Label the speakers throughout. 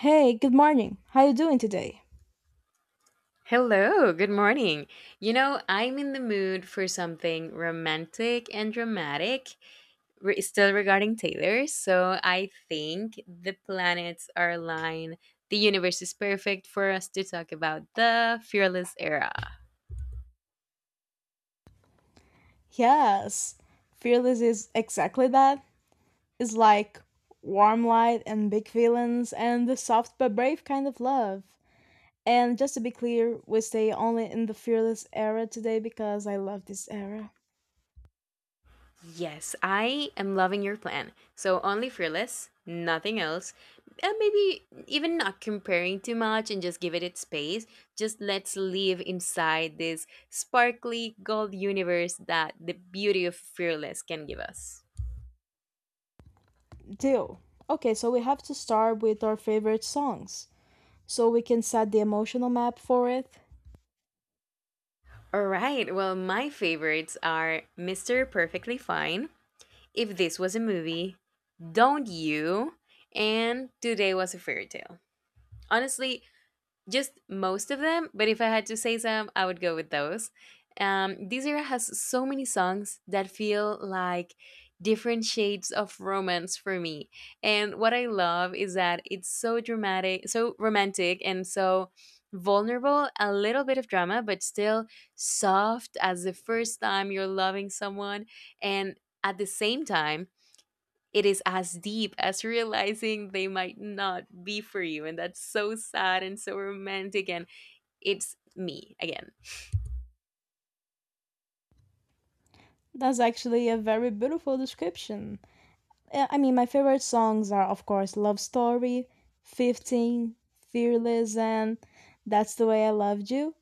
Speaker 1: Hey, good morning. How you doing today?
Speaker 2: Hello, good morning. You know, I'm in the mood for something romantic and dramatic, still regarding Taylor. So I think the planets are aligned. The universe is perfect for us to talk about the fearless era.
Speaker 1: Yes, Fearless is exactly that. It's like warm light and big feelings and the soft but brave kind of love. And just to be clear, we stay only in the Fearless era today because I love this era.
Speaker 2: Yes, I am loving your plan. So only fearless, nothing else. And maybe even not comparing too much and just give it its space. Just let's live inside this sparkly gold universe that the beauty of fearless can give us.
Speaker 1: Deal. Okay, so we have to start with our favorite songs so we can set the emotional map for it.
Speaker 2: All right, well, my favorites are Mr. Perfectly Fine, If This Was a Movie, Don't You, and Today Was a Fairy Tale. Honestly, just most of them, but if I had to say some, I would go with those. This era has so many songs that feel like different shades of romance for me. And what I love is that it's so dramatic, so romantic, and so vulnerable, a little bit of drama, but still soft as the first time you're loving someone. And at the same time, it is as deep as realizing they might not be for you. And that's so sad and so romantic. And it's me again.
Speaker 1: That's actually a very beautiful description. Yeah, I mean, my favorite songs are, of course, Love Story, 15, Fearless, and That's the Way I Loved You.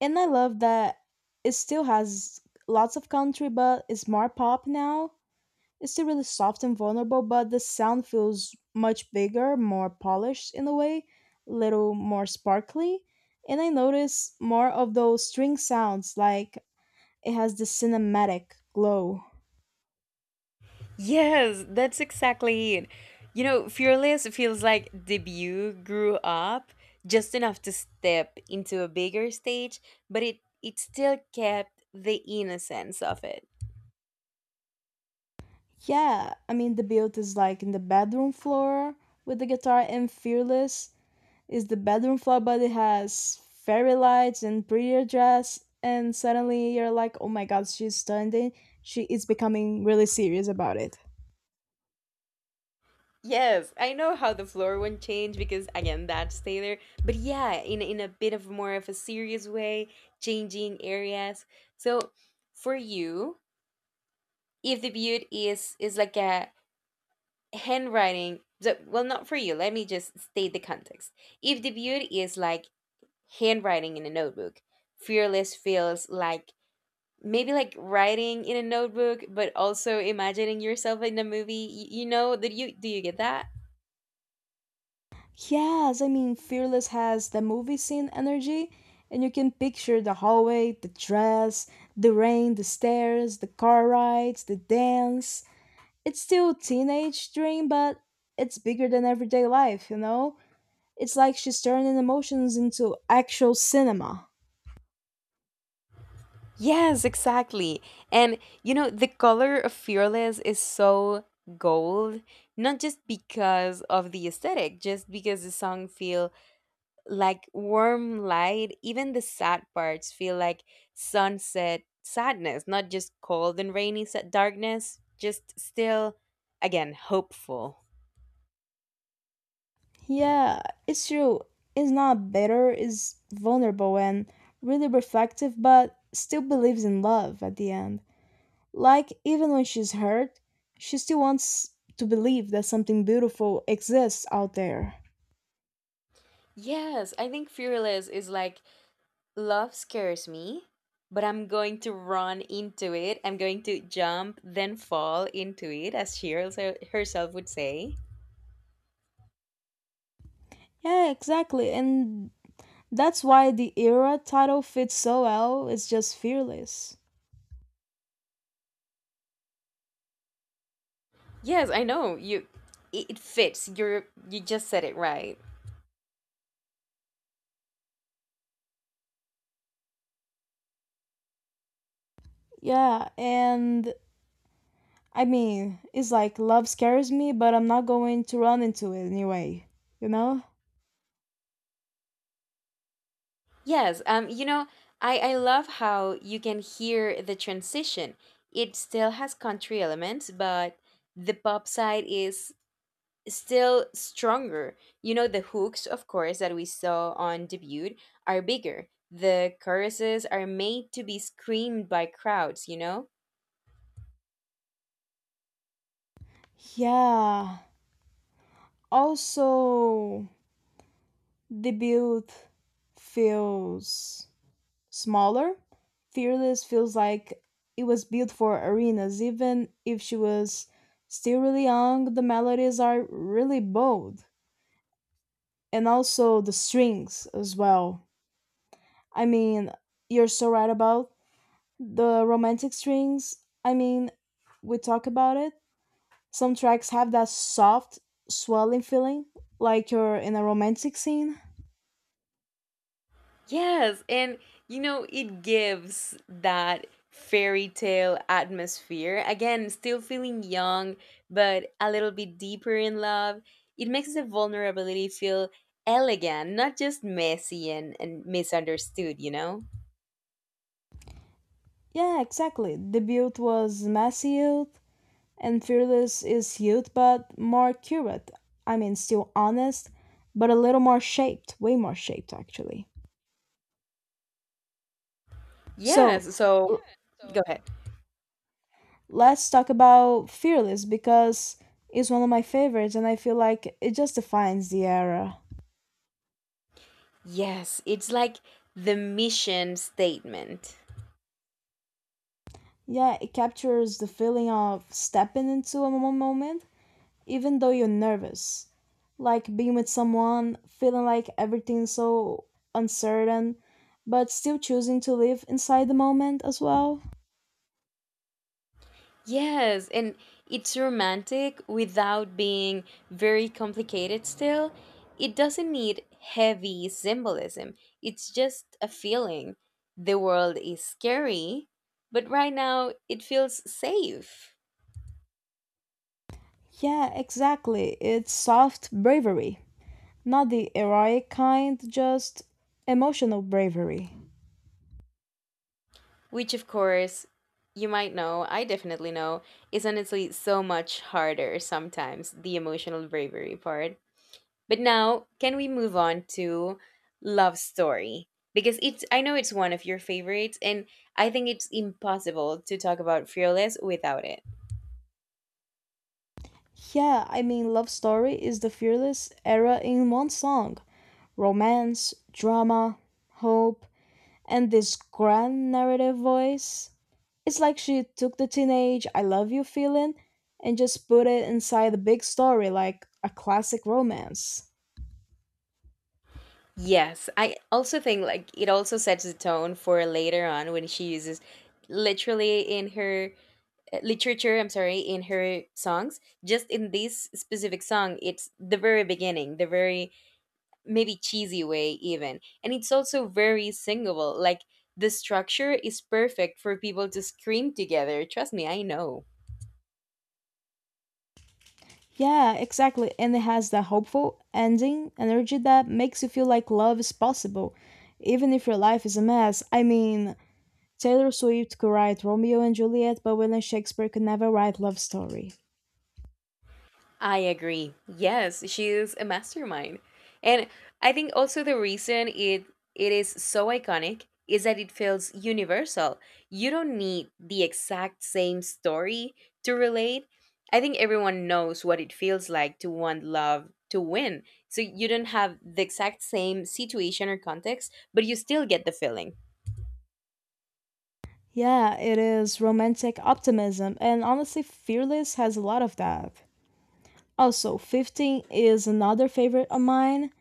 Speaker 1: And I love that it still has lots of country, but it's more pop now. It's still really soft and vulnerable, but the sound feels much bigger, more polished in a way, little more sparkly. And I notice more of those string sounds, like it has this cinematic glow.
Speaker 2: Yes, that's exactly it. You know, Fearless feels like debut grew up just enough to step into a bigger stage, but it still kept the innocence of it.
Speaker 1: Yeah, I mean the build is like in the bedroom floor with the guitar, and Fearless is the bedroom floor but it has fairy lights and prettier dress and suddenly you're like, oh my god, she's stunning. She is becoming really serious about it.
Speaker 2: Yes, I know how the floor one changed because again that stay there. But yeah, in a bit of more of a serious way, changing areas. So for you, if the beaut is like a handwriting, so, well not for you, let me just state the context. If the beaut is like handwriting in a notebook, fearless feels like maybe like writing in a notebook, but also imagining yourself in a movie. You get that?
Speaker 1: Yes, I mean Fearless has the movie scene energy and you can picture the hallway, the dress, the rain, the stairs, the car rides, the dance. It's still teenage dream but it's bigger than everyday life, you know? It's like she's turning emotions into actual cinema.
Speaker 2: Yes, exactly. And you know, the color of Fearless is so gold, not just because of the aesthetic, just because the song feel like warm light, even the sad parts feel like sunset sadness, not just cold and rainy darkness, just still again hopeful.
Speaker 1: Yeah, it's true. It's not bitter, it's vulnerable and really reflective, but still believes in love at the end. Like, even when she's hurt, she still wants to believe that something beautiful exists out there.
Speaker 2: Yes, I think Fearless is like love scares me, but I'm going to run into it. I'm going to jump, then fall into it, as she also herself would say.
Speaker 1: Yeah, exactly. And that's why the era title fits so well. It's just fearless.
Speaker 2: Yes, I know you. It fits. You just said it right.
Speaker 1: Yeah, and I mean, it's like love scares me, but I'm not going to run into it anyway, you know?
Speaker 2: Yes. You know, I love how you can hear the transition. It still has country elements, but the pop side is still stronger. You know, the hooks, of course, that we saw on debut are bigger. The choruses are made to be screamed by crowds, you know?
Speaker 1: Yeah. Also, the build feels smaller. Fearless feels like it was built for arenas, even if she was still really young. The melodies are really bold, and also the strings as well. I mean, you're so right about the romantic strings. I mean, we talk about it. Some tracks have that soft, swelling feeling, like you're in a romantic scene.
Speaker 2: Yes, and you know, it gives that fairy tale atmosphere. Again, still feeling young, but a little bit deeper in love. It makes the vulnerability feel elegant, not just messy and misunderstood, you know?
Speaker 1: Yeah, exactly. The build was messy youth, and Fearless is youth, but more curate. I mean, still honest, but a little more shaped, way more shaped, actually. So,
Speaker 2: Yes, so
Speaker 1: l-
Speaker 2: go ahead.
Speaker 1: let's talk about Fearless because it's one of my favorites, and I feel like it just defines the era.
Speaker 2: Yes, it's like the mission statement.
Speaker 1: Yeah, it captures the feeling of stepping into a moment even though you're nervous. Like being with someone, feeling like everything's so uncertain, but still choosing to live inside the moment as well.
Speaker 2: Yes, and it's romantic without being very complicated still. It doesn't need heavy symbolism, it's just a feeling. The world is scary, but right now it feels safe.
Speaker 1: Yeah, exactly. It's soft bravery, not the heroic kind, just emotional bravery.
Speaker 2: Which, of course, you might know, I definitely know, is honestly so much harder sometimes, the emotional bravery part. But now, can we move on to Love Story? Because it's I know it's one of your favorites and I think it's impossible to talk about Fearless without it.
Speaker 1: Yeah, I mean, Love Story is the fearless era in one song: romance, drama, hope, and this grand narrative voice. It's like she took the teenage I love you feeling and just put it inside a big story like a classic romance.
Speaker 2: Yes, I also think like it also sets the tone for later on when she uses literally in her literature, I'm sorry, in her songs. Just in this specific song, it's the very beginning, the very maybe cheesy way even and it's also very singable like the structure is perfect for people to scream together, trust me, I know.
Speaker 1: Yeah, exactly. And it has that hopeful ending energy that makes you feel like love is possible, even if your life is a mess. I mean, Taylor Swift could write Romeo and Juliet, but William Shakespeare could never write love story.
Speaker 2: I agree. Yes, she is a mastermind. And I think also the reason it is so iconic is that it feels universal. You don't need the exact same story to relate. I think everyone knows what it feels like to want love to win. So you don't have the exact same situation or context, but you still get the feeling.
Speaker 1: Yeah, it is romantic optimism, and honestly, Fearless has a lot of that. Also, 15 is another favorite of mine,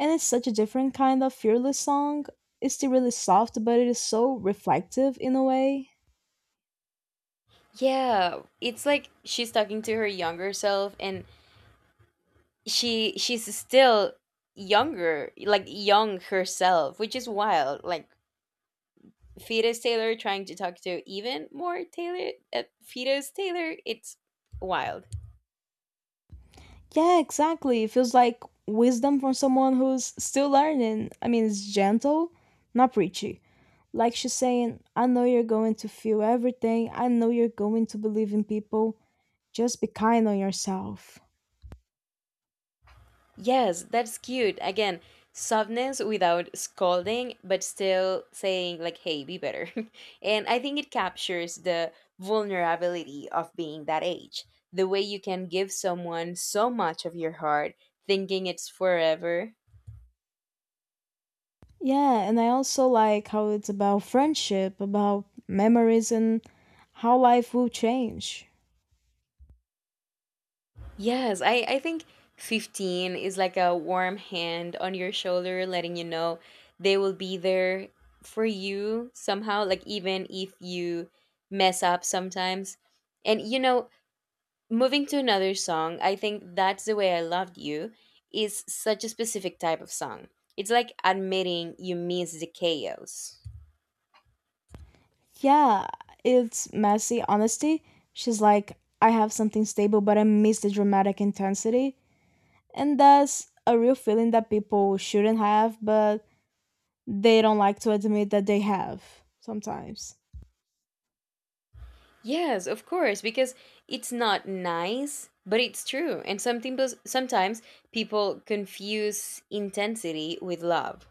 Speaker 1: and it's such a different kind of fearless song. It's still really soft, but it is so reflective in a way.
Speaker 2: Yeah, it's like she's talking to her younger self and she's still younger like young herself, which is wild, like fetus Taylor trying to talk to even more Taylor, fetus Taylor, it's wild.
Speaker 1: Yeah, exactly. It feels like wisdom from someone who's still learning. I mean, it's gentle, not preachy. Like she's saying, I know you're going to feel everything, I know you're going to believe in people. Just be kind on yourself.
Speaker 2: Yes, that's cute. Again, softness without scolding but still saying like, hey, be better. And I think it captures the vulnerability of being that age, the way you can give someone so much of your heart thinking it's forever.
Speaker 1: Yeah, and I also like how it's about friendship, about memories, and how life will change.
Speaker 2: Yes, I think 15 is like a warm hand on your shoulder, letting you know they will be there for you somehow, like even if you mess up sometimes. And you know, moving to another song, I think That's the Way I Loved You is such a specific type of song. It's like admitting you miss the chaos.
Speaker 1: Yeah, it's messy honesty. She's like, I have something stable, but I miss the dramatic intensity. And that's a real feeling that people shouldn't have, but they don't like to admit that they have sometimes.
Speaker 2: Yes, of course, because it's not nice, but it's true. And some people, sometimes people confuse intensity with love.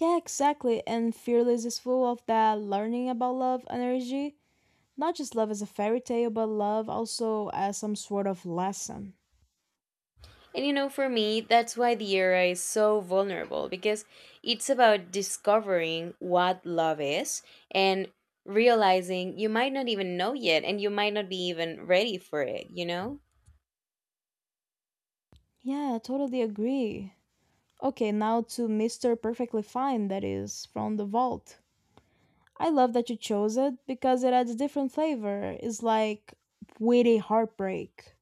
Speaker 1: Yeah, exactly. And Fearless is full of that learning about love energy. Not just love as a fairy tale, but love also as some sort of lesson.
Speaker 2: And you know, for me, that's why the era is so vulnerable because it's about discovering what love is and realizing you might not even know yet and you might not be even ready for it, you know?
Speaker 1: Yeah, I totally agree. Okay, now to Mr. Perfectly Fine, that is, from The Vault. I love that you chose it because it adds a different flavor. It's like witty heartbreak.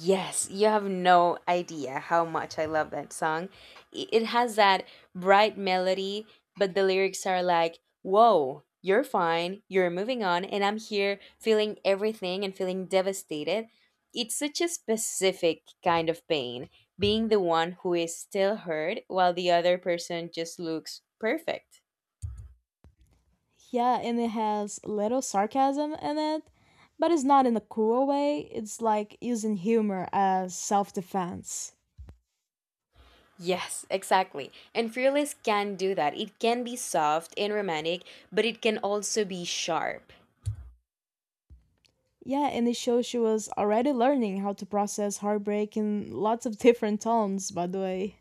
Speaker 2: Yes, you have no idea how much I love that song. It has that bright melody, but the lyrics are like, whoa, you're fine, you're moving on, and I'm here feeling everything and feeling devastated. It's such a specific kind of pain, being the one who is still hurt while the other person just looks perfect.
Speaker 1: Yeah, and it has a little sarcasm in it, but it's not in a cruel way. It's like using humor as self defense.
Speaker 2: Yes, exactly. And Fearless can do that. It can be soft and romantic, but it can also be sharp.
Speaker 1: Yeah, and it shows she was already learning how to process heartbreak in lots of different tones, by the way.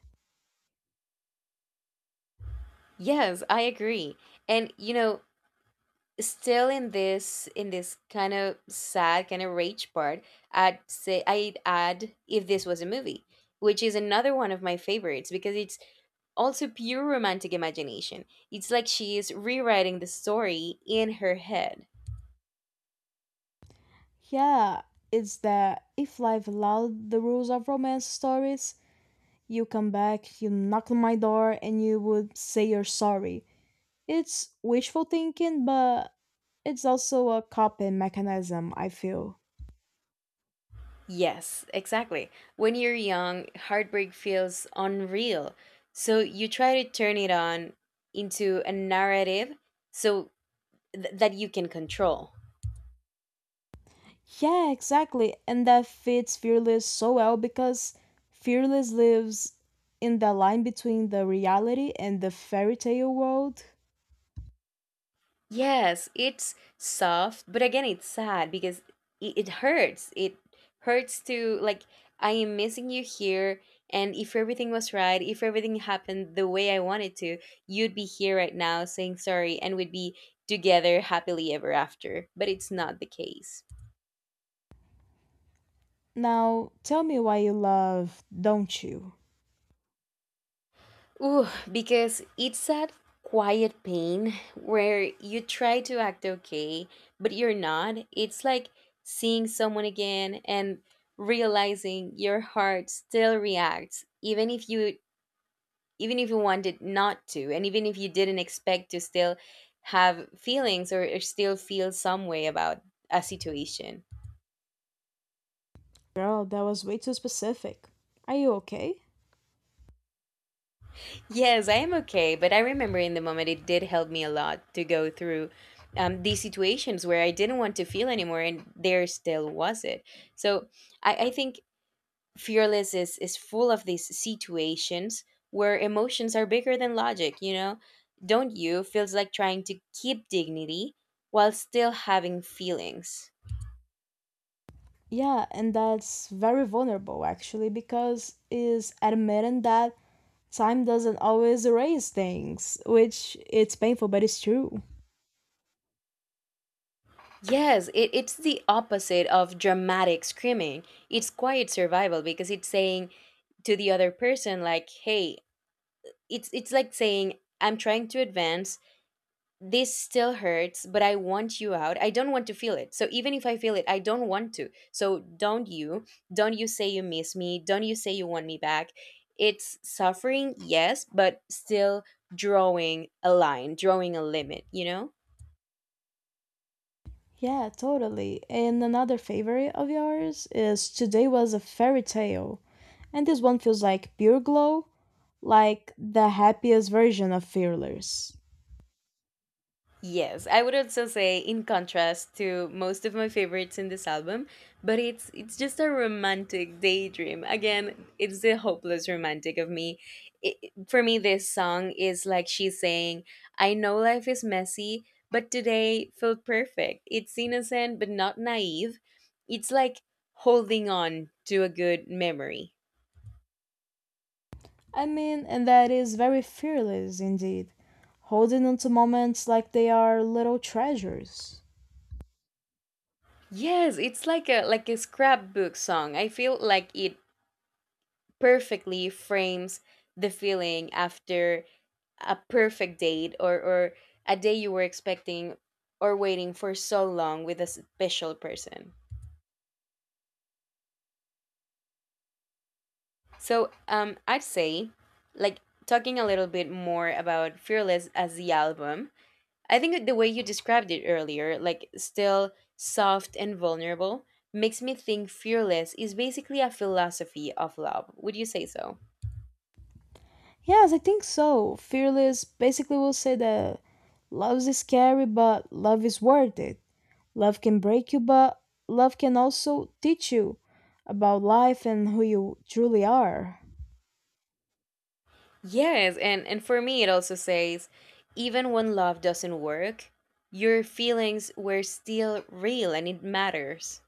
Speaker 2: Yes, I agree. And you know, still in this kind of sad, kind of rage part, I'd add If This Was a Movie, which is another one of my favorites because it's also pure romantic imagination. It's like she is rewriting the story in her head.
Speaker 1: Yeah, it's that if life allowed the rules of romance stories, you come back, you knock on my door, and you would say you're sorry. It's wishful thinking, but it's also a coping mechanism, I feel.
Speaker 2: Yes, exactly. When you're young, heartbreak feels unreal. So you try to turn it on into a narrative so that you can control.
Speaker 1: Yeah, exactly. And that fits Fearless so well because Fearless lives in the line between the reality and the fairy tale world.
Speaker 2: Yes, it's soft, but again, it's sad because it hurts. It hurts to, like, I am missing you here. And if everything was right, if everything happened the way I wanted to, you'd be here right now saying sorry and we'd be together happily ever after. But it's not the case.
Speaker 1: Now, tell me why you love Don't You?
Speaker 2: Ooh, because it's that quiet pain where you try to act okay, but you're not. It's like seeing someone again and realizing your heart still reacts, even if you wanted not to, and even if you didn't expect to still have feelings or still feel some way about a situation.
Speaker 1: Girl, that was way too specific. Are you okay?
Speaker 2: Yes, I am okay, but I remember in the moment it did help me a lot to go through these situations where I didn't want to feel anymore, and there still was it. So I think Fearless is full of these situations where emotions are bigger than logic. You know, Don't You? Feels like trying to keep dignity while still having feelings.
Speaker 1: Yeah, and that's very vulnerable actually because is admitting that time doesn't always erase things, which it's painful but it's true.
Speaker 2: Yes, it's the opposite of dramatic screaming. It's quiet survival because it's saying to the other person like, hey, it's like saying I'm trying to advance, this still hurts but I want you out, I don't want to feel it, so even if I feel it I don't want to, so don't you, don't you say you miss me, don't you say you want me back. It's suffering, yes, but still drawing a line, drawing a limit, you know.
Speaker 1: Yeah, totally. And another favorite of yours is Today Was a Fairy Tale. And this one feels like pure glow, like the happiest version of Fearless.
Speaker 2: Yes, I would also say in contrast to most of my favorites in this album, but it's just a romantic daydream. Again, it's the hopeless romantic of me. For me this song is like she's saying, I know life is messy, but today felt perfect. It's innocent but not naive. It's like holding on to a good memory.
Speaker 1: I mean, and that is very fearless indeed, holding on to moments like they are little treasures.
Speaker 2: Yes, it's like a scrapbook song. I feel like it perfectly frames the feeling after a perfect date, or a day you were expecting or waiting for so long with a special person. So I'd say, like, talking a little bit more about Fearless as the album, I think that the way you described it earlier, like, still soft and vulnerable, makes me think Fearless is basically a philosophy of love. Would you say so?
Speaker 1: Yes, I think so. Fearless basically will say that love is scary, but love is worth it. Love can break you, but love can also teach you about life and who you truly are.
Speaker 2: Yes, and for me it also says even when love doesn't work, your feelings were still real and it matters.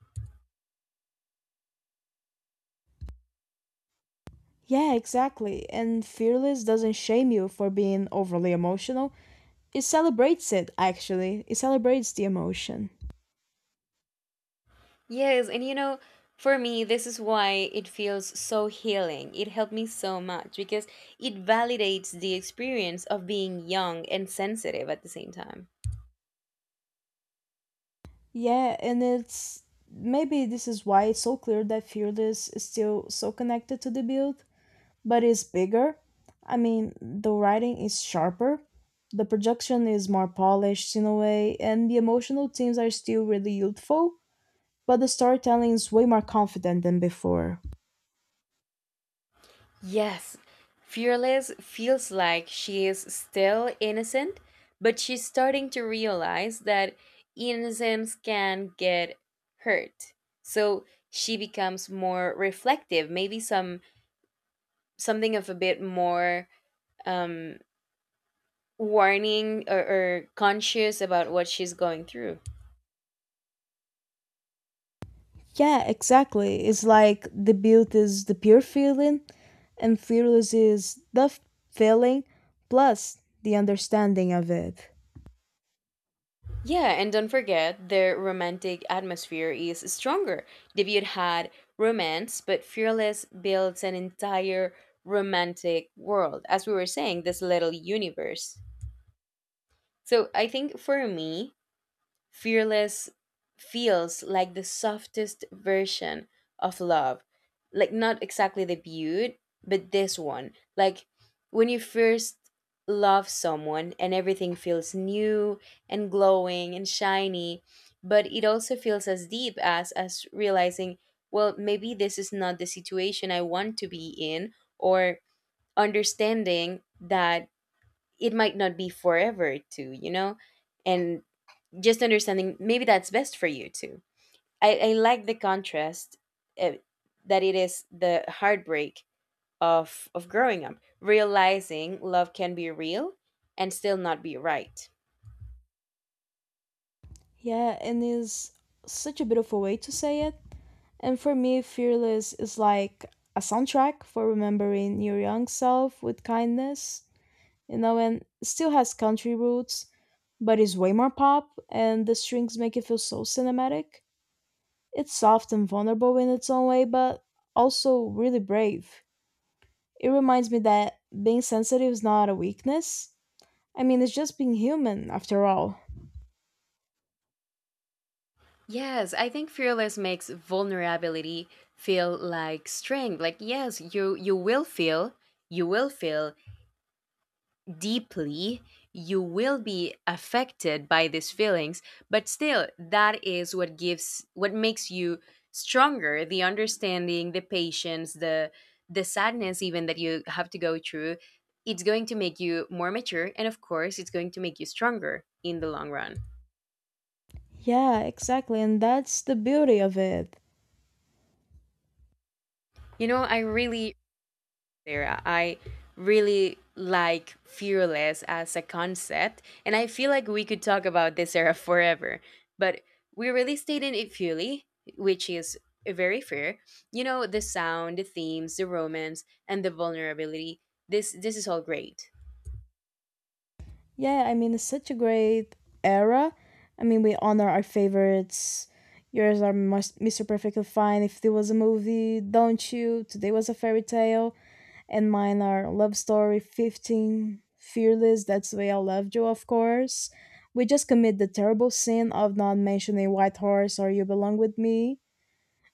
Speaker 1: Yeah, exactly. And Fearless doesn't shame you for being overly emotional. It celebrates it, actually. It celebrates the emotion.
Speaker 2: Yes, and you know, for me this is why it feels so healing. It helped me so much because it validates the experience of being young and sensitive at the same time.
Speaker 1: Yeah, and it's maybe this is why it's so clear that Fearless is still so connected to the build, but it's bigger. I mean, the writing is sharper, the production is more polished in a way, and the emotional themes are still really youthful, but the storytelling is way more confident than before.
Speaker 2: Yes, Fearless feels like she is still innocent, but she's starting to realize that innocence can get hurt. So she becomes more reflective, maybe some something of a bit more um, warning or conscious about what she's going through.
Speaker 1: Yeah, exactly. It's like the build is the pure feeling, and fearless is the feeling plus the understanding of it.
Speaker 2: Yeah, and don't forget their romantic atmosphere is stronger. Debut had romance, but Fearless builds an entire romantic world. As we were saying, this little universe. So I think for me, Fearless feels like the softest version of love. Like, not exactly the beaut, but this one. Like, when you first love someone and everything feels new and glowing and shiny, but it also feels as deep as realizing, well, maybe this is not the situation I want to be in, or understanding that it might not be forever too, you know? And just understanding maybe that's best for you too. I like the contrast uh, that it is the heartbreak of growing up, realizing love can be real and still not be right.
Speaker 1: Yeah, and is such a beautiful way to say it. And for me, Fearless is like a soundtrack for remembering your young self with kindness, you know, and still has country roots, but is way more pop, and the strings make it feel so cinematic. It's soft and vulnerable in its own way, but also really brave. It reminds me that being sensitive is not a weakness. I mean, it's just being human, after all.
Speaker 2: Yes, I think fearless makes vulnerability feel like strength. Like yes, you will feel, deeply, you will be affected by these feelings, but still that is what gives what makes you stronger, the understanding, the patience, the sadness even that you have to go through, it's going to make you more mature and of course it's going to make you stronger in the long run.
Speaker 1: Yeah, exactly, and that's the beauty of it.
Speaker 2: You know, I really Sarah. I really like fearless as a concept, and I feel like we could talk about this era forever. But we really stayed in it fully, which is very fair. You know, the sound, the themes, the romance, and the vulnerability. This is all great.
Speaker 1: Yeah, I mean, it's such a great era. I mean, we honor our favorites. Yours are Mr. Perfectly Fine. If there was a movie, Don't You? Today was a fairy tale. And mine are Love Story, 15, Fearless, That's the Way I Loved You, of course. We just commit the terrible sin of not mentioning White Horse or You Belong With Me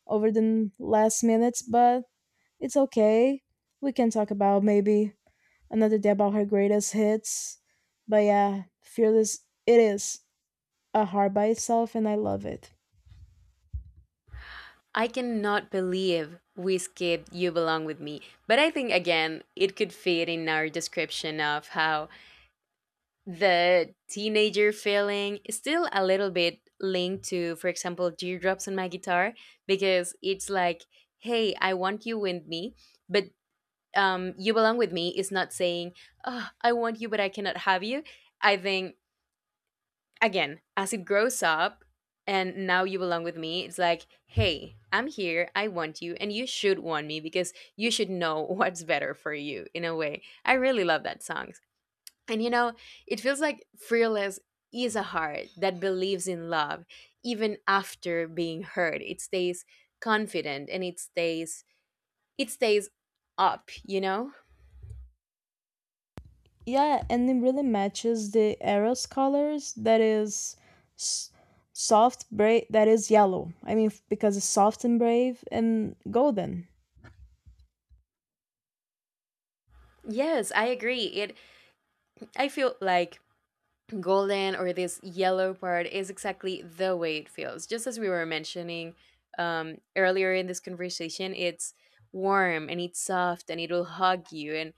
Speaker 1: over the last minutes, but it's okay. We can talk about maybe another day about her greatest hits. But yeah, Fearless, it is a heart by itself, and I love it.
Speaker 2: I cannot believe we skipped You Belong With Me, but I think again it could fit in our description of how the teenager feeling is still a little bit linked to, for example, Teardrops on My Guitar, because it's like, hey, I want you with me, but You Belong With Me is not saying, oh, I want you but I cannot have you. I think again as it grows up and now You Belong With Me it's like, hey, I'm here, I want you and you should want me because you should know what's better for you, in a way. I really love that song. And you know, it feels like Fearless is a heart that believes in love even after being hurt. It stays confident and it stays up, you know?
Speaker 1: Yeah, and it really matches the Eros colors that is s- soft, brave, that is yellow. I mean, because it's soft and brave and golden.
Speaker 2: Yes, I agree. It I feel like golden or this yellow part is exactly the way it feels. Just as we were mentioning earlier in this conversation, it's warm and it's soft and it'll hug you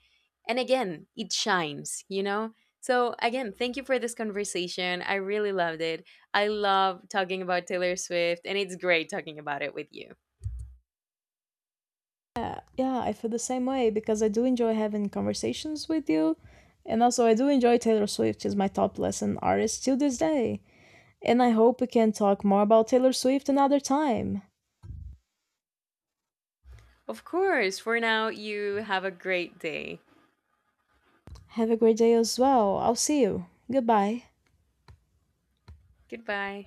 Speaker 2: and again it shines, you know. So again, thank you for this conversation. I really loved it. I love talking about Taylor Swift, and it's great talking about it with you.
Speaker 1: Yeah, yeah, I feel the same way because I do enjoy having conversations with you. And also, I do enjoy Taylor Swift. She's my top lesson artist till this day. And I hope we can talk more about Taylor Swift another time.
Speaker 2: Of course. For now, you have a great day.
Speaker 1: Have a great day as well. I'll see you. Goodbye.
Speaker 2: Goodbye.